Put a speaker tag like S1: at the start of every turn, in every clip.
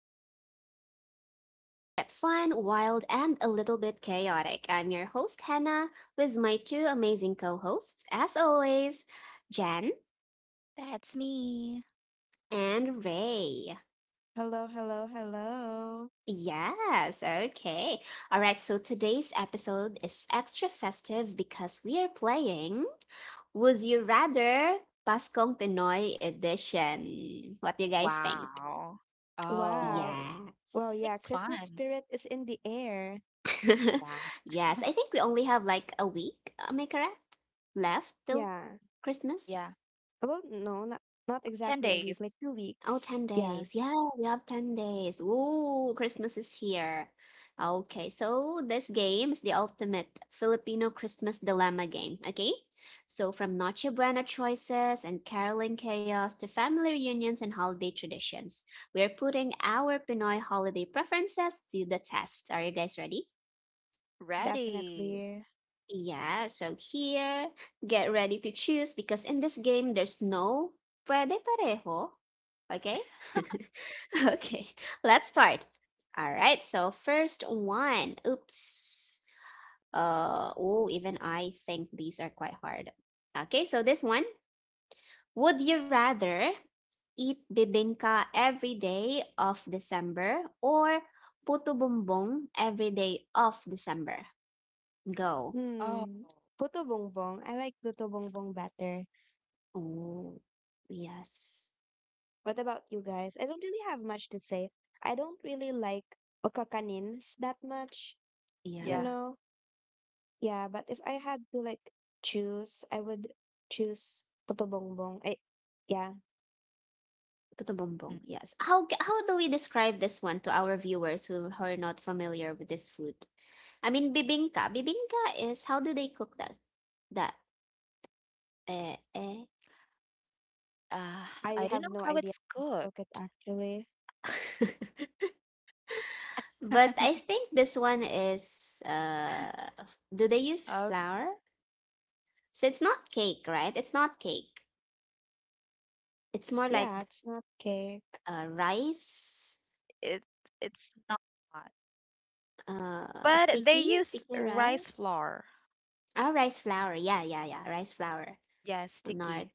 S1: our podcast where things get fun, wild, and a little bit chaotic. I'm your host, Hannah, with my two amazing co hosts, as always, Jen
S2: That's me.
S1: and Ray.
S3: Hello, hello, hello.
S1: Yes, okay. All right, so today's episode is extra festive because we are playing Would You Rather Paskong Pinoy Edition. What do you guys think?
S2: Wow.
S3: Wow.
S2: Oh,
S3: Well,
S1: Yes.
S3: yeah,
S2: I
S3: Christmas
S2: think it's
S3: spirit is
S2: fun.
S3: in the air.
S1: Yes,
S2: Yeah.
S1: I think we only have like a week, am I correct? Left till
S3: Yeah.
S1: Christmas?
S2: Yeah.
S3: Well, no, not exactly a week, like
S2: 10
S3: two
S2: days.
S1: Oh, 10
S3: weeks. Yeah,
S1: days. Yeah, we have 10 days. Ooh, Christmas is here. Okay, so this game is the ultimate Filipino Christmas dilemma game, okay? So from Noche Buena choices and caroling chaos to family reunions and holiday traditions, we are putting our Pinoy holiday preferences to the test. Are you guys ready?
S3: definitely.
S2: Ready.
S1: Yeah, so here, get ready to choose because in this game there's no puede parejo. Okay? Okay, let's start. All right, so first one. Oops. Oh, even I think these are quite hard. Okay, so this one. Would you rather eat bibingka every day of December or puto bumbong every day of December? Go.
S3: Hmm.
S2: Oh,
S3: Puto Bongbong. I like Puto Bongbong better.
S1: Oh, yes.
S3: What about you guys? I don't really have much to say. I don't really like okakanins that much, you
S1: Yeah,
S3: know?
S2: yeah.
S3: Yeah, but if I had to like choose, I would choose Puto Bongbong. Yeah.
S1: puto bumbong. Yes.
S2: mm,
S1: How do we describe this one to our viewers who are not familiar with this food? I mean, bibingka. Bibingka is how do they cook that? That eh eh.
S2: Uh, I don't know
S3: I
S2: how
S3: have
S2: it's
S3: no idea
S2: cooked.
S3: how to actually.
S1: But I think this one is do they
S2: Oh,
S1: use flour? So it's not cake, right? It's not cake. It's more like
S3: Yeah, it's not cake.
S1: rice,
S2: it it's not hot. But they
S1: sticky,
S2: use
S1: sticky
S2: rice
S1: rice.
S2: flour.
S1: Ah, rice flour. Yeah, yeah, yeah. Rice flour.
S2: Yeah, sticky.
S1: Unart.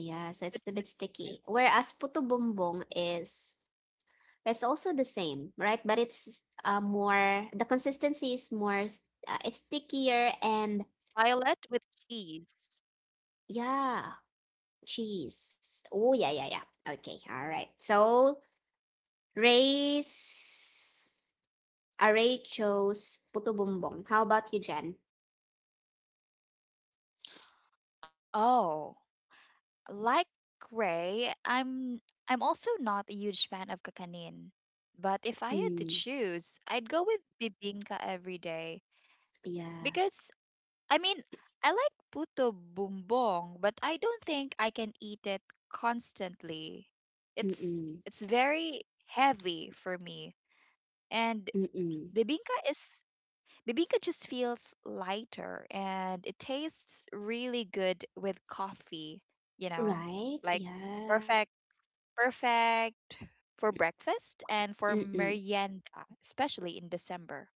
S1: Yeah, so it's a bit
S2: Glutinous rice.
S1: sticky. Whereas puto bumbong is it's also the same, right? But it's more, the consistency is it's stickier and
S2: Violet with cheese.
S1: yeah, cheese. Oh yeah, yeah, yeah. Okay, all right. So Ray's Ray chose puto bumbong. How about you, Jen?
S2: Oh. Like Ray, I'm also not a huge fan of kakanin. But if I had to
S1: Mm,
S2: choose, I'd go with bibingka every day
S1: yeah.
S2: because I mean, I like puto bumbong, but I don't think I can eat it constantly. It's
S1: Mm-mm.
S2: it's very heavy for me. And
S1: Mm-mm.
S2: bibingka is bibingka just feels lighter and it tastes really good with coffee, you know?
S1: Right?
S2: Like
S1: Yeah.
S2: perfect. Perfect for breakfast and for
S1: Mm-mm.
S2: merienda, especially in December.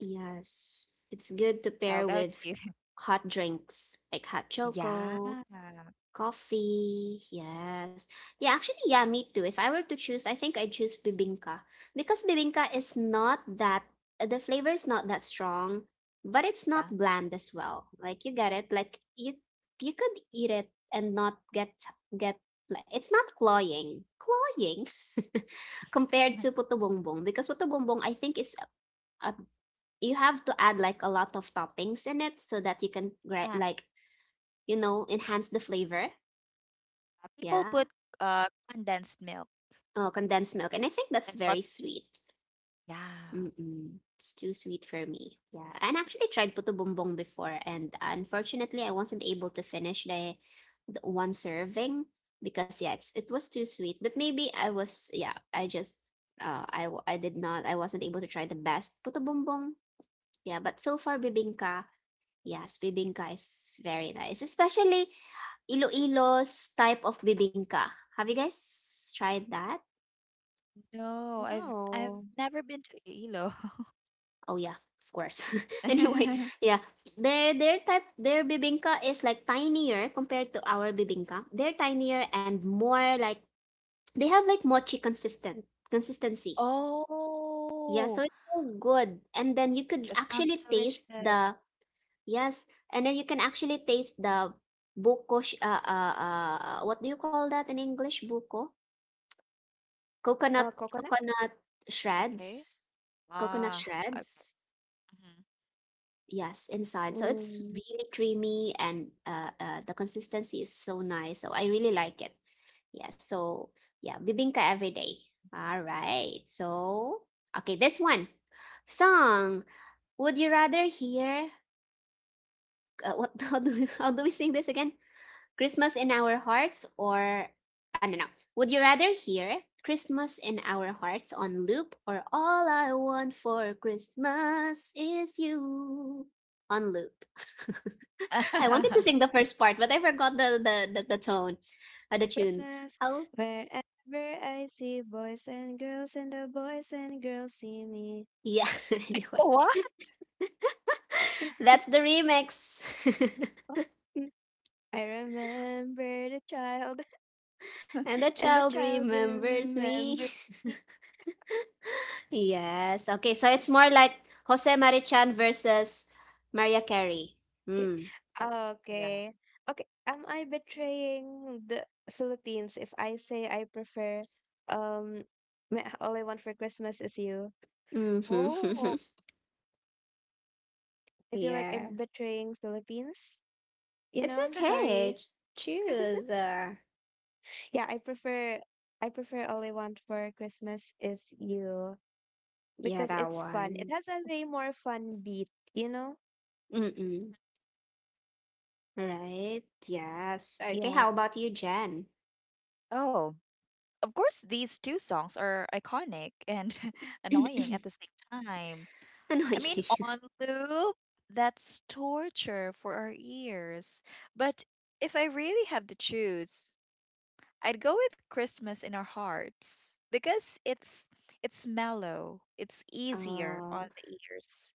S1: Yes, it's good to
S2: How
S1: pair
S2: about
S1: with
S2: you?
S1: hot drinks like hot
S2: Yeah.
S1: choco, coffee. Yes. Yeah, actually, yeah, me too. If I were to choose, I think I'd choose bibingka because bibingka is not that, the flavor is not that strong, but it's
S2: Yeah.
S1: not bland as well. Like you get it, like you could eat it and not get like it's not cloying. Cloying compared to puto bongbong because puto bongbong I think is a you have to add like a lot of toppings in it so that you can
S2: Ah,
S1: like enhance the flavor.
S2: people
S1: Yeah.
S2: put uh condensed milk
S1: Oh, condensed milk, and I think that's
S2: and
S1: very
S2: lots of cheese.
S1: sweet.
S2: Yeah.
S1: Mm-mm. It's too sweet for me. Yeah, and I actually tried puto bumbong before and, unfortunately, I wasn't able to finish the, one serving, because yeah, it was too sweet, but maybe I was, yeah, I just, I, I did not, I wasn't able to try the best puto bumbong. Yeah, but so far, bibingka. Yes, bibingka is very nice, especially Iloilo's type of bibingka. Have you guys tried that?
S2: No, I've
S3: No.
S2: never been to Iloilo.
S1: Oh yeah, of course. Anyway, yeah, their bibingka is like tinier compared to our bibingka. They're tinier and more like they have like mochi consistent consistency. Yeah,
S2: Oh,
S1: so it's so good. And then you could
S2: that sounds
S1: actually taste the,
S2: delicious.
S1: yes, and then you can actually taste the buko, what do you call that in English? Buko? Coconut,
S3: Coconut?
S1: coconut shreds
S2: Okay. Ah,
S1: shreds.
S2: okay.
S1: Yes, inside. So it's
S3: Mm.
S1: really creamy and the consistency is so nice. So I really like it. Yeah, so yeah, bibingka every day. All right. So, okay, this one. Song. Would you rather hear, what, how do we sing this again? Christmas in our hearts, or I don't know. Would you rather hear Christmas in our hearts on loop, or all I want for Christmas is you on loop? I wanted to
S2: Mhm.
S1: sing the first part, but I forgot the, the tone, the tune.
S3: Christmas,
S1: How?
S3: wherever I see boys and girls, and the boys and girls see me.
S1: Yeah. Anyway,
S2: What?
S1: that's the remix,
S3: I remember the child,
S1: and the
S3: and the
S1: child
S3: child
S1: remembers me.
S3: remember me.
S1: Yes. Okay. So it's more like Jose Marichan versus Maria Carey.
S3: Okay.
S1: Hmm.
S2: Yeah.
S3: Okay. Okay. Am I betraying the Philippines if I say I prefer um all I want for Christmas is you?
S1: Mhm.
S2: Oh.
S3: I feel like
S1: Yeah.
S3: I'm betraying Philippines. You
S1: It's
S3: know, I'm
S1: okay.
S3: sorry.
S1: Choose.
S3: Yeah, I prefer all I want for Christmas is you
S1: Yeah,
S3: because
S1: that
S3: it's fun. It
S1: one.
S3: has a way more fun beat, you know?
S1: Mm-mm. Right. Yes. Okay.
S3: Yeah.
S1: How about you, Jen?
S2: Oh, of course, these two songs are iconic and annoying at the same time. I
S1: Annoying.
S2: mean, on loop, that's torture for our ears. But if I really have to choose, I'd go with Christmas in Our Hearts because it's mellow, it's easier
S1: Oh,
S2: on the ears,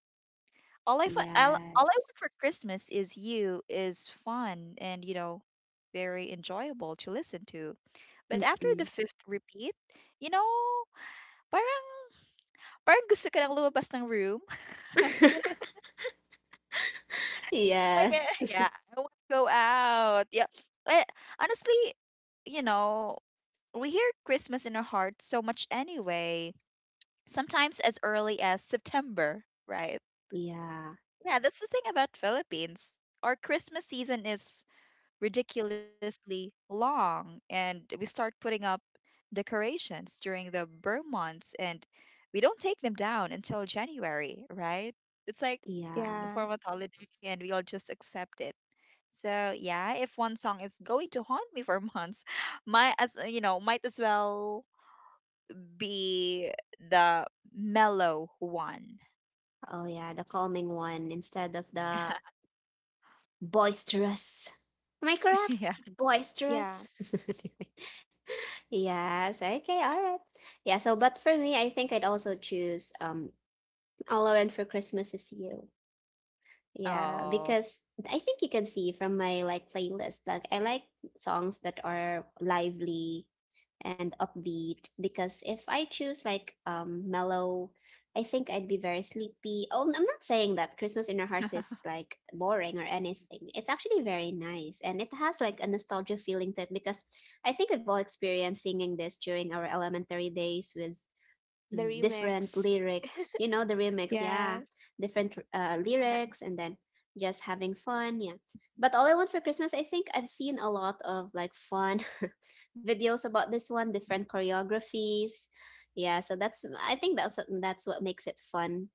S2: all I
S1: yes.
S2: want for Christmas is you is fun and you know very enjoyable to listen to. But after
S1: Mm-mm.
S2: the fifth repeat, you know, parang parang gusto ko nang lumabas ng room. Like
S1: Yes.
S2: yeah, I want to go out. Yeah. Eh, Honestly, you know, we hear Christmas in our hearts so much anyway. Sometimes as early as September, right?
S1: Yeah.
S2: Yeah, that's the thing about Philippines. Our Christmas season is ridiculously long, and we start putting up decorations during the burn months, and we don't take them down until January, right? It's like
S1: Yeah.
S2: a
S3: Yeah.
S2: form of holiday, and we all just accept it. So yeah, if one song is going to haunt me for months, might as you know, might as well be the mellow one.
S1: Oh, yeah. The calming one instead of the boisterous. Am I correct?
S2: Yeah.
S3: Yeah.
S1: Boisterous. Yes, okay, all right. Yeah, so but for me, I think I'd also choose All I Want for Christmas is You. Yeah,
S2: Oh.
S1: because I think you can see from my like playlist, like I like songs that are lively and upbeat, because if I choose like mellow, I think I'd be very sleepy. Oh, I'm not saying that Christmas in Our Hearts is like boring or anything. It's actually very nice and it has like a nostalgia feeling to it because I think we've all experienced singing this during our elementary days with
S3: The
S1: different
S3: remix.
S1: lyrics, you know, the remix, yeah,
S3: Yeah.
S1: different, lyrics, and then just having fun, yeah. But all I want for Christmas, I think I've seen a lot of like fun videos about this one, different choreographies, yeah. So that's, I think, that's what makes it fun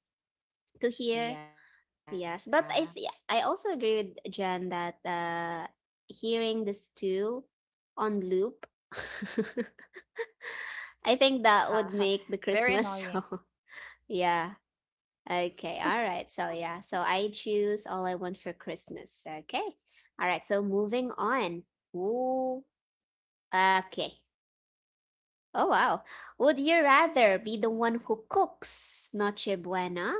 S1: to hear.
S2: Yeah.
S1: Yes, but I also agree with Jen that, hearing this too on loop, I think that would
S2: Very
S1: make the
S2: annoying.
S1: Christmas so yeah. Okay, all right. So yeah, so I choose all I want for Christmas. Okay. All right, so moving on. Ooh, okay. Oh wow. Would you rather be the one who cooks Noche Buena,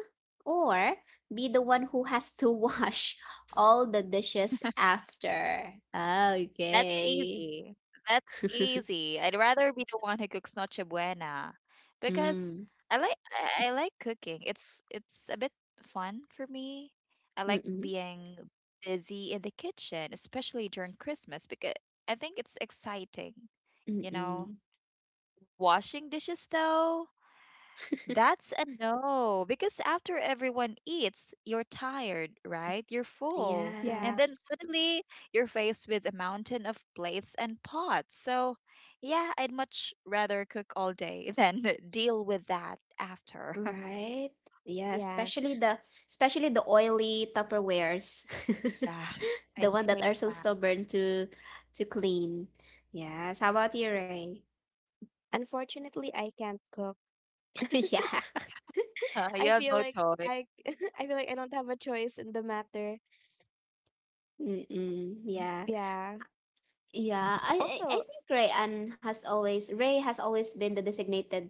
S1: or be the one who has to wash all the dishes after?
S2: That's
S1: Okay.
S2: easy. That's easy. I'd rather be the one who cooks noche buena because
S1: Mm,
S2: I like I like cooking. It's a bit fun for me. I like
S1: mm-mm,
S2: being busy in the kitchen, especially during Christmas because I think it's exciting, you
S1: mm-mm.
S2: know. Washing dishes though, that's a no, because after everyone eats, you're tired, right? You're full. And
S3: Yeah.
S2: then
S1: Yes.
S2: suddenly you're faced with a mountain of plates and pots. So, yeah, I'd much rather cook all day than deal with that after.
S1: Right. Yeah,
S3: Yeah.
S1: especially the, oily Tupperwares.
S2: Yeah,
S1: The
S2: I
S1: one that
S2: hate
S1: are so
S2: that.
S1: stubborn to clean. Yes. How about you, Ray?
S3: Unfortunately, I can't cook.
S1: Yeah.
S2: You
S3: I
S2: have
S3: feel
S2: no
S3: like
S2: choice.
S3: I I feel like I don't have a choice in the matter.
S2: Mhm.
S1: Mm-mm. Yeah.
S3: Yeah.
S1: Yeah. I
S3: Also,
S1: think Ray has always been the designated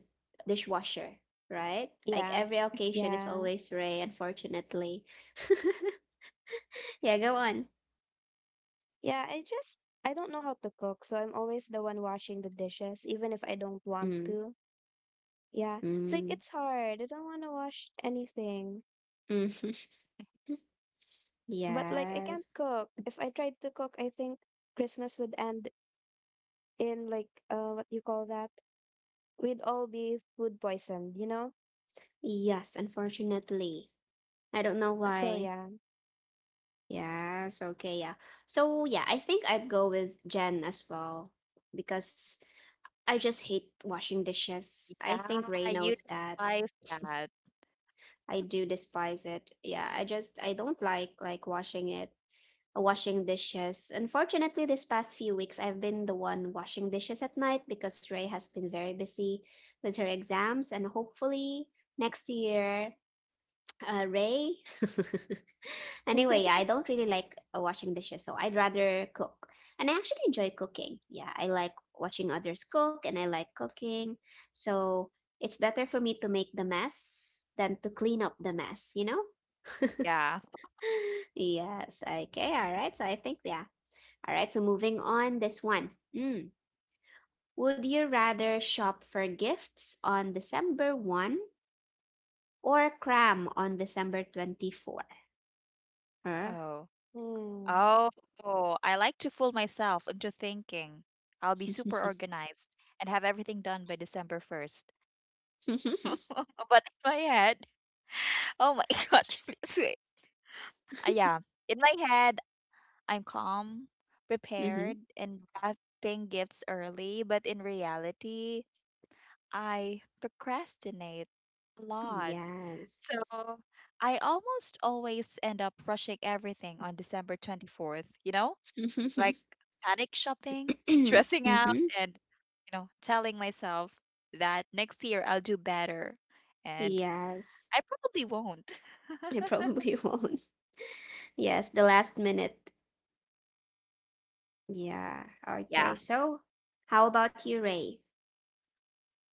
S1: dishwasher, right? Like
S3: yeah.
S1: every occasion is
S3: Yeah.
S1: always Ray, unfortunately. Yeah, go on.
S3: Yeah, I don't know how to cook, so I'm always the one washing the dishes, even if I don't want
S1: Mm.
S3: to. Yeah. It's like
S1: Mm.
S3: it's hard. I don't want to wash anything.
S1: Mm.
S3: But like I
S1: Yes.
S3: can't cook. If I tried to cook, I think Christmas would end in like what you call that? We'd all be food poisoned, you know?
S1: Yes, unfortunately. I don't know
S3: So
S1: why.
S3: yeah.
S1: Yes, okay, yeah. So yeah, I think I'd go with Jen as well because I just hate washing dishes. I
S2: Yeah,
S1: think Ray
S2: you
S1: knows that.
S2: despise that.
S1: I do despise it. Yeah, I just, I don't like washing it, washing dishes. Unfortunately, this past few weeks I've been the one washing dishes at night because Ray has been very busy with her exams and, hopefully, next year, Ray. Anyway, yeah, I don't really like, washing dishes, so I'd rather cook. And I actually enjoy cooking. Yeah, I like watching others cook and I like cooking. So it's better for me to make the mess than to clean up the mess, you know?
S2: Yeah.
S1: Yes, okay, all right. So I think, yeah. All right, so moving on, this one. Mm. Would you rather shop for gifts on December 1, or cram on December 24? Huh?
S2: Oh.
S3: Mm.
S2: Oh, I like to fool myself into thinking I'll be super organized and have everything done by December 1st.
S1: Mm-hmm.
S2: But in my head, oh my gosh, please wait. Yeah, in my head, I'm calm, prepared, and wrapping gifts early. But in reality, I procrastinate a lot. So
S1: Yes.
S2: I almost always end up rushing everything on December 24th, you know? Like panic shopping, stressing out,
S1: Mm-hmm.
S2: and you know, telling myself that next year I'll do better. And
S1: Yes,
S2: I probably won't.
S1: I probably won't. Yes, the last minute. Yeah. Okay.
S2: Yeah.
S1: So, how about you, Ray?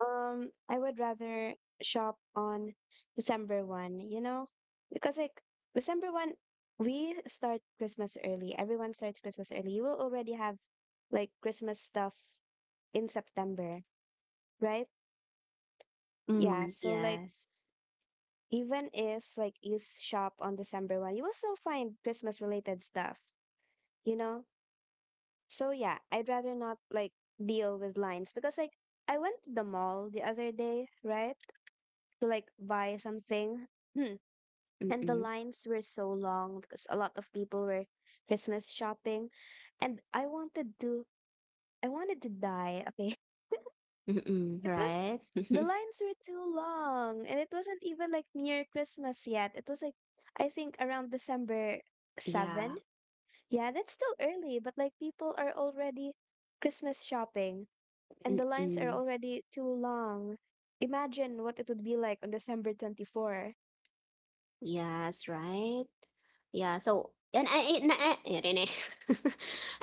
S3: I would rather shop on December 1, you know, because like December 1, we start Christmas early. Everyone starts Christmas early. You will already have like Christmas stuff in September, right? Yeah,
S1: Mm,
S3: so like
S1: yes.
S3: even if like shop on December 1, you will still find Christmas related stuff, you know? So yeah, I'd rather not like deal with lines because like I went to the mall the other day, right? To like buy something. And the
S1: Mm-mm.
S3: lines were so long because a lot of people were Christmas shopping and I wanted to die. Okay.
S1: Mm-mm.
S3: It
S1: Right.
S3: was the lines were too long and it wasn't even like near Christmas yet. It was like I think around December
S1: Yeah.
S3: 7. Yeah, that's still early, but like people are already Christmas shopping and the lines are
S1: Mm-mm.
S3: already too long. Imagine what it would be like on December 24.
S1: Yes. Right. Yeah. So, and I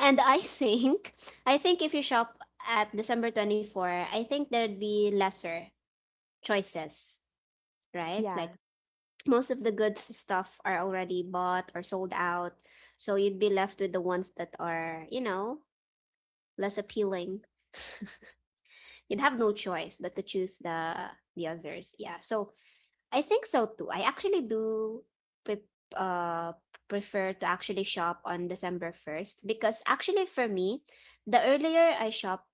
S1: and I think, I think if you shop at December 24, I think there'd be lesser choices, right?
S3: Yeah.
S1: Like most of the good stuff are already bought or sold out. So you'd be left with the ones that are, less appealing. You'd have no choice but to choose the, others. Yeah. So I think so too. I actually do, pre- uh prefer to actually shop on December 1st because, actually, for me, the earlier I shop,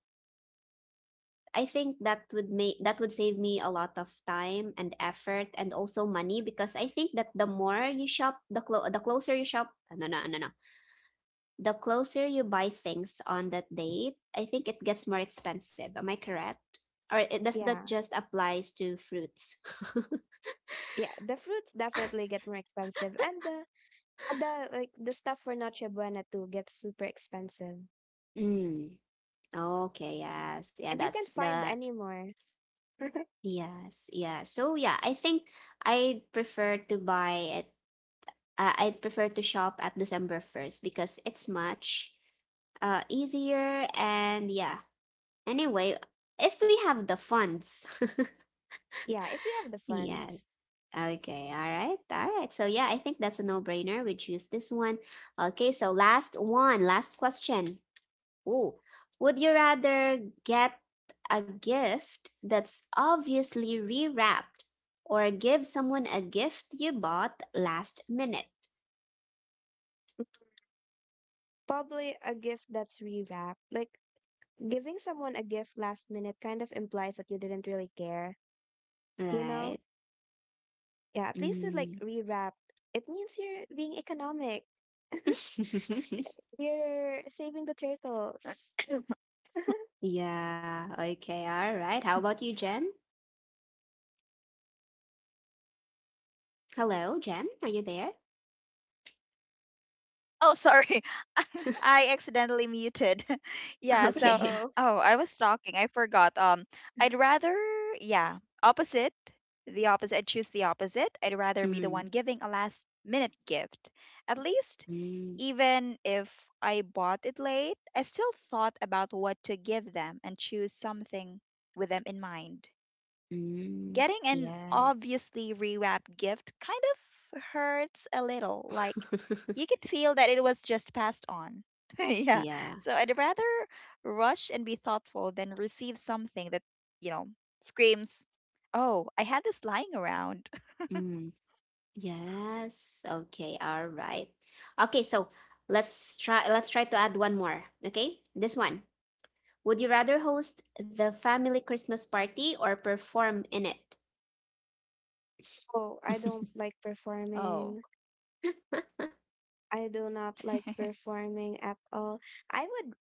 S1: I think that would save me a lot of time and effort, and also money, because I think that the more you shop, the closer you shop, no no no no, the closer you buy things on that date, I think it gets more expensive. Am I correct? Or does that
S3: Yeah.
S1: just applies to fruits?
S3: Yeah, the fruits definitely get more expensive, and the like the stuff for Noche Buena too gets super expensive,
S1: Mm, okay, yes, yeah,
S3: and you
S1: that's
S3: can't find
S1: the,
S3: anymore.
S1: yes, yeah. So yeah, I think I prefer to buy it. I prefer to shop at December 1st because it's much, easier. And yeah, anyway, if we have the funds.
S3: Yeah, if we have the funds,
S1: Yes. Okay, all right, all right. So, yeah, I think that's a no brainer. We choose this one. Okay, so last one, last question. Ooh, would you rather get a gift that's obviously rewrapped, or give someone a gift you bought last minute?
S3: probably a gift that's rewrapped. Like giving someone a gift last minute kind of implies that you didn't really care, you
S1: Right.
S3: know? Yeah, at least with like
S1: Mm.
S3: rewrapped, it means you're being economic. You're saving the turtles.
S1: Yeah, okay, all right. How about you, Jen? Hello, Jem, are you there?
S2: Oh, sorry. I accidentally muted. Yeah, so
S1: Okay.
S3: Oh,
S2: oh, I was talking. I forgot. I'd rather yeah, opposite. The opposite. I'd choose the opposite. I'd rather be the
S1: Mm,
S2: one giving a last minute gift. At least
S1: mm,
S2: even if I bought it late, I still thought about what to give them and choose something with them in mind.
S1: mm.
S2: Getting an
S1: Yes.
S2: obviously rewrapped gift kind of hurts a little. Like, you can feel that it was just passed on. Yeah.
S1: Yeah.
S2: So I'd rather rush and be thoughtful than receive something that, you know, screams, oh, I had this lying around.
S1: Mm, yes. Okay, all right. Okay, so let's try to add one more. Okay? This one. Would you rather host the family Christmas party or perform in it?
S3: oh, I don't like
S2: Oh.
S3: performing. I do not like performing at all. I would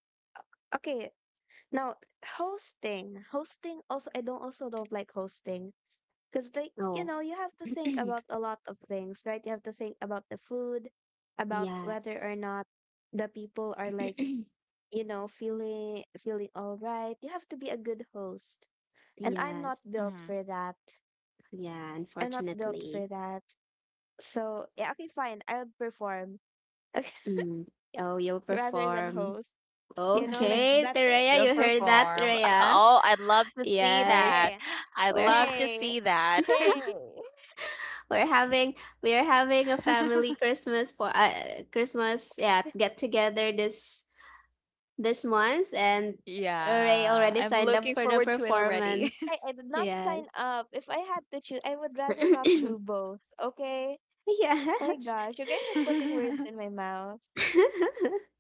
S3: okay now hosting also I don't also don't like hosting because like you
S1: Oh.
S3: know you have to think about a lot of things, right? You have to think about the food, about whether or
S1: Yes.
S3: not the people are like you know feeling all right. You have to be a good host and I'm
S1: Yes.
S3: not
S2: Hmm.
S3: built for that.
S1: Yeah,
S3: I'm not built
S1: unfortunately.
S3: for that. So yeah, okay, fine, I'll perform
S1: Mm. Oh, you'll
S3: rather than
S1: perform.
S3: host, you know, like
S1: Okay,
S3: better.
S1: Terea,
S2: You'll
S1: you heard that,
S2: perform.
S1: Terea?
S2: Oh, I'd love to see
S1: Yes,
S2: that.
S3: Hey,
S2: I'd
S1: we're ha-
S2: love to
S3: hey,
S2: see that.
S3: hey.
S1: we're having we are having a family Christmas for Christmas yeah get together this month, and Ray
S2: Yeah,
S1: already
S2: I'm
S1: signed up
S2: looking
S1: for the
S2: forward to it already.
S1: performance.
S3: I did not
S1: Yes.
S3: sign up. If I had to choose, I would rather not do both. Okay? Oh my
S1: Yes.
S3: gosh, you guys are putting words in my mouth.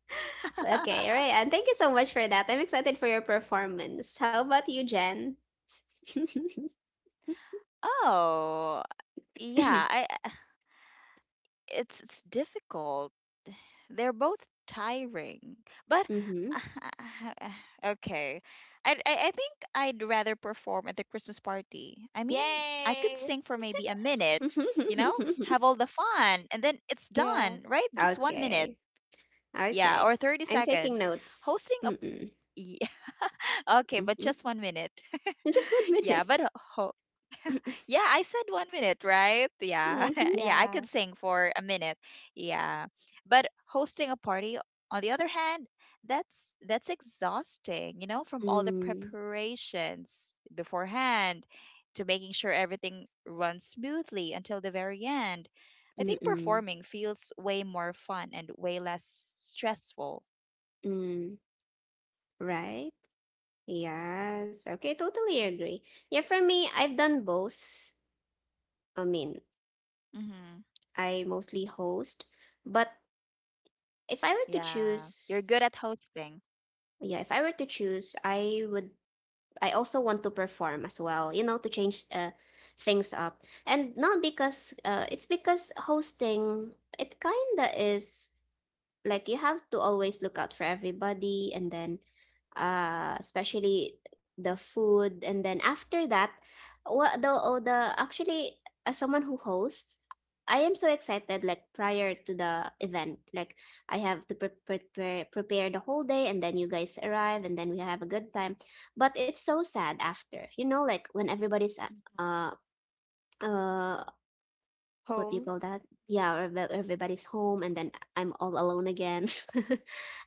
S1: Okay, Ray, and thank you so much for that. I'm excited for your performance. How about you, Jen?
S2: Oh, yeah, it's difficult. They're both tiring. But
S1: Mm-hmm.
S2: okay. I think I'd rather perform at the Christmas party. I mean, I could
S3: Yay!
S2: sing for maybe a minute, you know? Have all the fun and then it's
S3: Yeah,
S2: done, right? Just one minute.
S1: Okay.
S2: Yeah,
S1: Okay.
S2: or 30
S1: I'm taking
S2: seconds.
S1: notes.
S2: Hosting a
S1: Mm-mm.
S2: yeah. Okay, but
S1: Mm-hmm.
S2: just one minute.
S1: Just one minute.
S2: Yeah, but ho yeah, I said 1 minute, right? Yeah.
S1: Mm-hmm.
S2: Yeah, I could
S3: yeah.
S2: sing for a minute. Yeah. But hosting a party, on the other hand, that's exhausting, you know, from all the
S1: Mm.
S2: preparations beforehand to making sure everything runs smoothly until the very end. I think
S1: Mm-mm.
S2: performing feels way more fun and way less stressful.
S1: Mm. Right? Yes. Okay, totally agree. Yeah, for me, I've done both. I mean,
S2: Mm-hmm.
S1: I mostly host, but if I were to
S2: Yeah. You're
S1: choose,
S2: good at hosting.
S1: yeah, if I were to choose, I also want to perform as well, you know, to change things up. And not because it's because hosting it kinda is like you have to always look out for everybody and then especially the food and then after that what the oh the actually, as someone who hosts, I am so excited like prior to the event. Like I have to prepare the whole day and then you guys arrive and then we have a good time, but it's so sad after, you know, like when everybody's
S2: Mm-hmm.
S1: uh uh what do you
S3: Home?
S1: call that? Yeah, or everybody's home, and then I'm all alone again,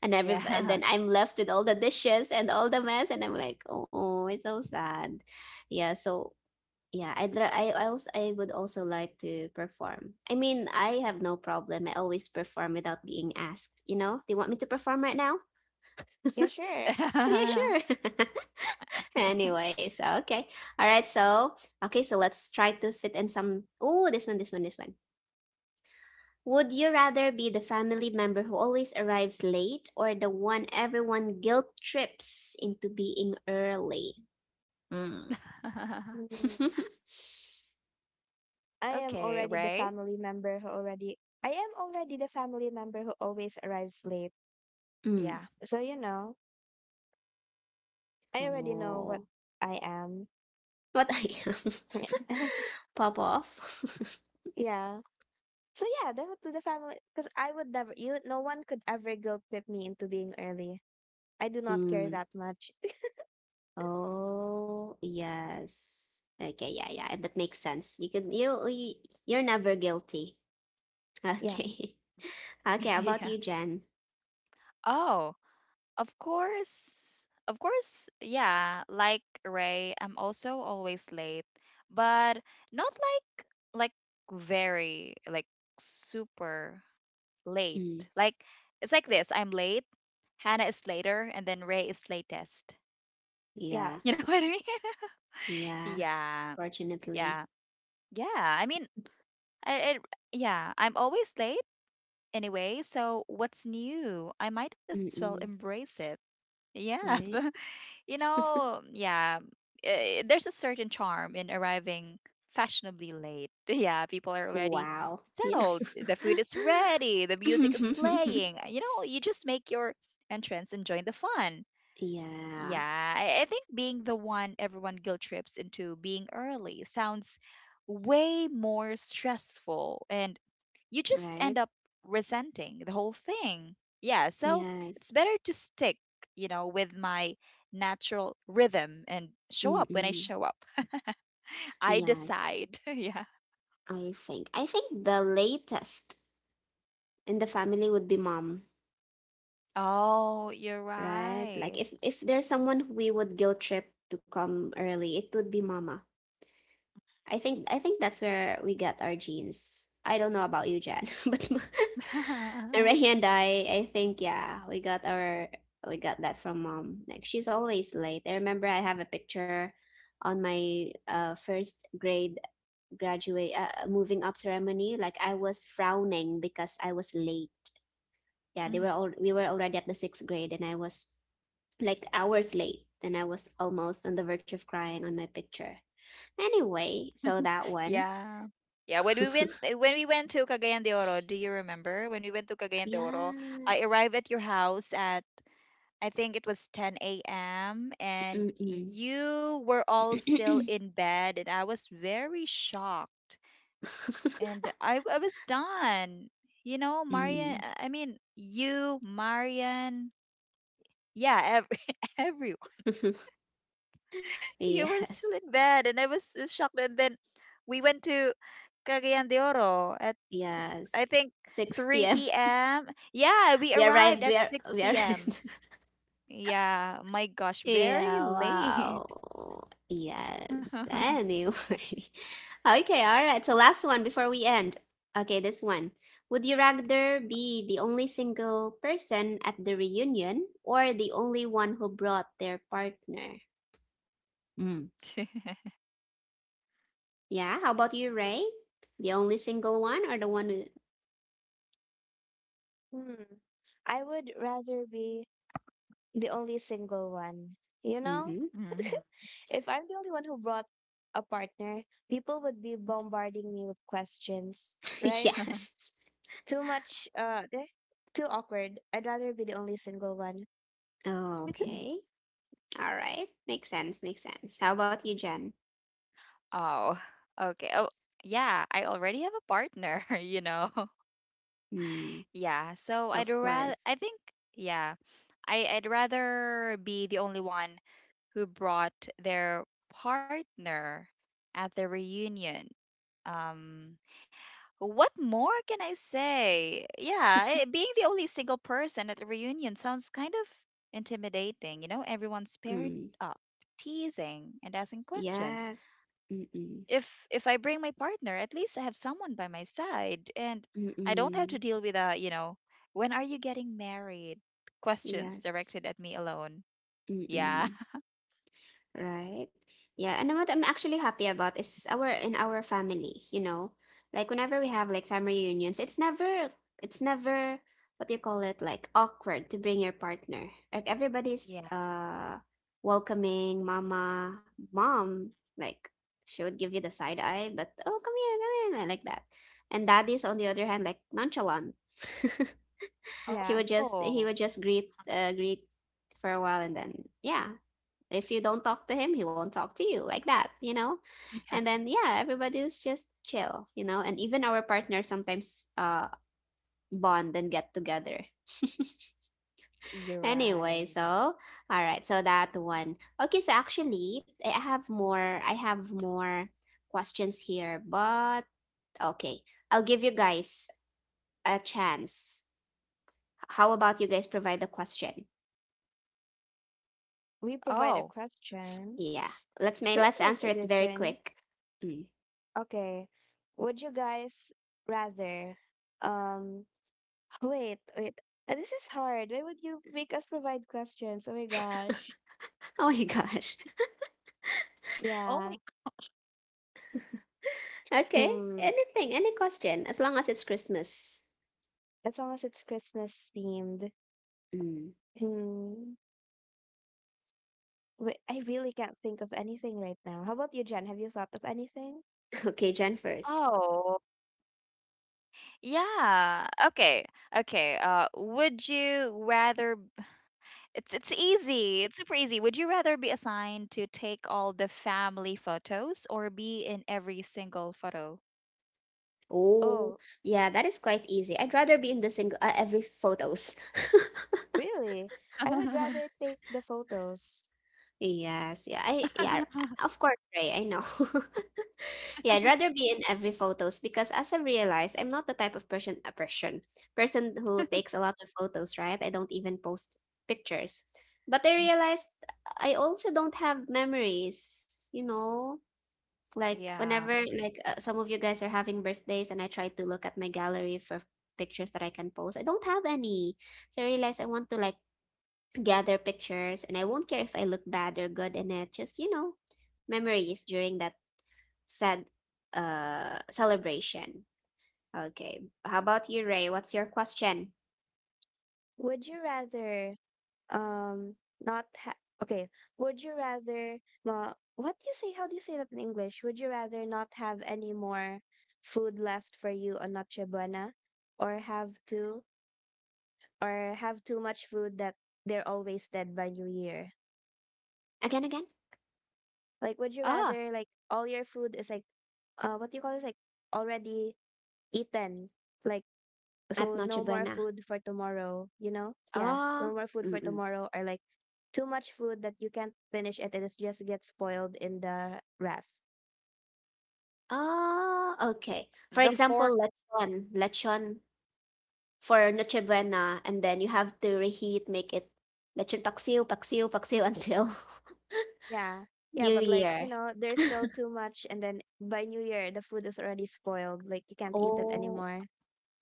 S1: and then I'm left with all the dishes and all the mess, and I'm like, oh, it's so sad. Yeah, so yeah, I'd ra- I also I would also like to perform. I mean, I have no problem. I always perform without being asked. You know, do you want me to perform right now?
S3: Yeah, sure.
S1: Yeah, sure.
S2: Yeah.
S1: Anyway, so okay, all right, so okay, so let's try to fit in some. Oh, this one, this one, this one. Would you rather be the family member who always arrives late or the one everyone guilt trips into being early? Mm.
S3: Mm, I am
S2: Okay,
S3: already the
S2: Ray.
S3: family member who already. I am already the family member who always arrives late.
S1: Mm.
S2: Yeah.
S3: So, you know, I already know what
S1: Oh.
S3: I am.
S1: What I am? Pop off.
S3: Yeah. So yeah, that would to the family because I would never you no one could ever guilt trip me into being early. I do not care
S1: Mm.
S3: that much.
S1: Oh, yes. Okay, yeah, yeah. That makes sense. You're never guilty.
S3: Yeah.
S1: Okay. Okay, how about
S2: Yeah.
S1: you, Jen?
S2: Oh, of course. Of course. Yeah. Like Ray, I'm also always late, but not like like very like super late.
S1: Mm.
S2: Like it's like this. I'm late. Hannah is later, and then Ray is latest.
S1: Yeah.
S2: You know
S3: Yes.
S2: what I mean?
S1: Yeah.
S2: Yeah.
S1: Fortunately.
S2: Yeah. Yeah. I mean, I, it, yeah. I'm always late anyway, so what's new? I might as well
S1: Mm-mm.
S2: embrace it. Yeah,
S1: Right?
S2: you know, yeah, there's a certain charm in arriving fashionably late. Yeah, people are already
S1: Wow. Yeah.
S2: settled. The food is ready, the music is playing. You know, you just make your entrance and join the fun.
S1: Yeah,
S2: Yeah, I think being the one everyone guilt trips into being early sounds way more stressful and you just
S1: right?
S2: end up resenting the whole thing. Yeah, so it's
S1: Yes.
S2: better to stick, you know, with my natural rhythm and show up when I
S1: Mm-mm.
S2: show up. I
S1: Yes.
S2: decide. Yeah.
S1: I think the latest in the family would be mom,
S2: Oh, you're
S1: right? Like
S2: right.
S1: if there's someone we would guilt trip to come early, it would be mama. I think that's where we get our genes. I don't know about you, Jan, but Ray and I think, yeah, we got that from mom. Like she's always late. I remember I have a picture on my first grade graduate moving up ceremony. Like I was frowning because I was late. Yeah, they were
S2: Mhm.
S1: all we were already at the sixth grade, and I was like hours late, and I was almost on the verge of crying on my picture. Anyway, so that one.
S2: Yeah. Yeah, when we went to Cagayan de Oro, do you remember? When we went to Cagayan de Oro, I
S1: Yes.
S2: arrived at your house at I think it was 10 a.m. and
S1: Mm-mm.
S2: you were all still in bed and I was very shocked and I was done. You know, Marian,
S1: Mm.
S2: I mean, you, Marian, yeah, every, everyone. You were
S1: Yes.
S2: still in bed and I was so shocked and then we went to Cagayan de Oro at I
S1: Yes.
S2: think
S1: 6 p.m.
S2: 3 p.m. Yeah, we
S1: We
S2: arrived
S1: arrived. We
S2: at
S1: are. We are.
S2: 6 p.m. Yeah, my gosh, very
S1: Yeah.
S2: late.
S1: Wow. Yes. Anyway. Okay. All right. So last one before we end. Okay. This one. Would you rather be the only single person at the reunion or the only one who brought their partner? Yeah, how about you, Ray? The only single one or the one with.
S3: Hmm. I would rather be the only single one. You know?
S1: Mm-hmm.
S2: Mhm.
S3: If I'm the only one who brought a partner, people would be bombarding me with questions, right?
S1: Yes.
S3: Too much too awkward. I'd rather be the only single one.
S1: Oh,
S2: Mhm.
S1: okay. All right. Makes sense. Makes sense. How about you, Jen?
S2: Oh, okay. Oh, yeah. I already have a partner, you know.
S1: Mm,
S2: Yeah. So
S1: so,
S2: I'd
S1: of
S2: rather.
S1: course.
S2: I think. Yeah. I I'd rather be the only one who brought their partner at the reunion. Um. What more can I say? Yeah, being the only single person at the reunion sounds kind of intimidating. You know, everyone's paired
S1: Mm,
S2: up, teasing and asking questions.
S1: yes. Mm-mm.
S2: If I bring my partner, at least I have someone by my side, and I don't have
S1: Mm-mm.
S2: to deal with a, you know, when are you getting married? Questions
S1: Yes.
S2: directed at me alone. Yeah.
S1: Mm-mm. Right. Yeah, and what I'm actually happy about is our in our family, you know. Like whenever we have like family reunions, it's never what do you call it, like awkward to bring your partner. Like everybody's
S2: Yeah.
S1: welcoming. Mama, mom, like she would give you the side eye, but oh, come here, like that. And daddy's on the other hand like nonchalant.
S3: Yeah.
S1: She would just he
S2: Oh,
S1: would just greet greet for a while and then, yeah, if you don't talk to him, he won't talk to you like that, you know?
S2: yeah.
S1: And then, yeah, everybody was just chill, you know, and even our partners sometimes bond and get together.
S2: You're
S1: Anyway, so
S2: right.
S1: all right, so that one. Okay, so actually I have more questions here, but okay. I'll give you guys a chance. How about you guys provide the question?
S3: We
S2: Oh,
S3: provide a question.
S1: Yeah. Let's
S3: Christmas
S1: answer it very
S3: edition.
S1: quick. Mm.
S3: Okay. Would you guys rather um wait, wait. This is hard. Why would you make us provide questions? Oh my gosh.
S1: Oh my gosh.
S2: oh my.
S3: Yeah.
S1: Okay,
S3: Mm,
S1: anything, any question, as long as it's Christmas.
S3: as long as it's Christmas themed.
S1: Mm.
S3: Hmm. Wait, I really can't think of anything right now. How about you, Jen? Have you thought of anything?
S1: Okay, Jen first.
S2: Oh. Yeah. Okay. Okay. Would you rather? It's easy. It's super easy. Would you rather be assigned to take all the family photos or be in every single photo?
S1: Oh,
S3: Oh,
S1: yeah, that is quite easy. I'd rather be in the single every photos.
S3: really? I would rather take the photos.
S1: Yes, yeah, I, yeah, of course, Ray, I know. Yeah, I'd rather be in every photos because, as I realized, I'm not the type of person, a person person who takes a lot of photos, right? I don't even post pictures. But I
S2: Mhm.
S1: realized I also don't have memories, you know. Like whenever
S2: Yeah.
S1: like some of you guys are having birthdays and I try to look at my gallery for pictures that I can post, I don't have any. So I realize I want to like gather pictures and I won't care if I look bad or good in it. Just, you know, memories during that sad celebration. Okay. How about you, Ray? What's your question?
S3: Would you rather um not ha- okay, would you rather well what do you say, how do you say that in English, would you rather not have any more food left for you on Noche Buena or have to, or have too much food that they're all wasted by New Year.
S1: Again, again?
S2: Ah,
S3: Like would you rather like all your food is like what do you call this, like already eaten, like
S1: At
S3: so
S1: Noche
S3: no more
S1: Buena.
S3: food for tomorrow, you know? Yeah,
S1: Oh,
S3: no more food for
S1: mm-mm.
S3: tomorrow or like too much food that you can't finish it and it just gets spoiled in the ref.
S1: Oh,
S2: the
S1: okay. For
S2: four.
S1: example, lechon. Lechon. For Noche Buena, and then you have to reheat, make it lechon paksiw, paksiw, paksiw until
S3: Yeah. Yeah,
S1: New
S3: but like,
S1: Year.
S3: you know, there's still too much and then by New Year the food is already spoiled. Like you can't eat it
S1: Oh,
S3: anymore.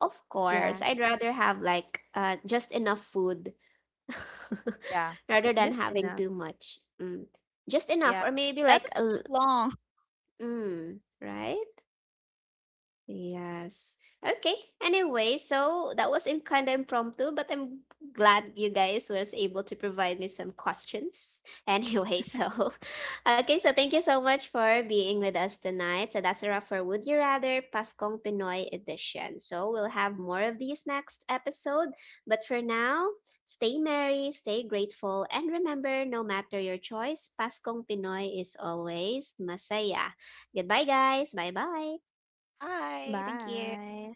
S1: of course.
S3: Yeah.
S1: I'd rather have like just enough food
S2: Yeah.
S1: rather than
S3: Just
S1: having
S3: enough.
S1: too much. Mm. Just enough,
S2: Yeah.
S1: or maybe
S2: That's
S1: like
S2: too long.
S1: mm, right? Yes. Okay. Anyway, so that was in kind of impromptu, but I'm glad you guys was able to provide me some questions. Anyway, so okay, so thank you so much for being with us tonight. So that's a wrap for Would You Rather Paskong Pinoy edition. So we'll have more of these next episode, but for now, stay merry, stay grateful, and remember, no matter your choice, Paskong Pinoy is always masaya. Goodbye, guys. Bye bye.
S2: Bye. Thank you.
S3: Bye.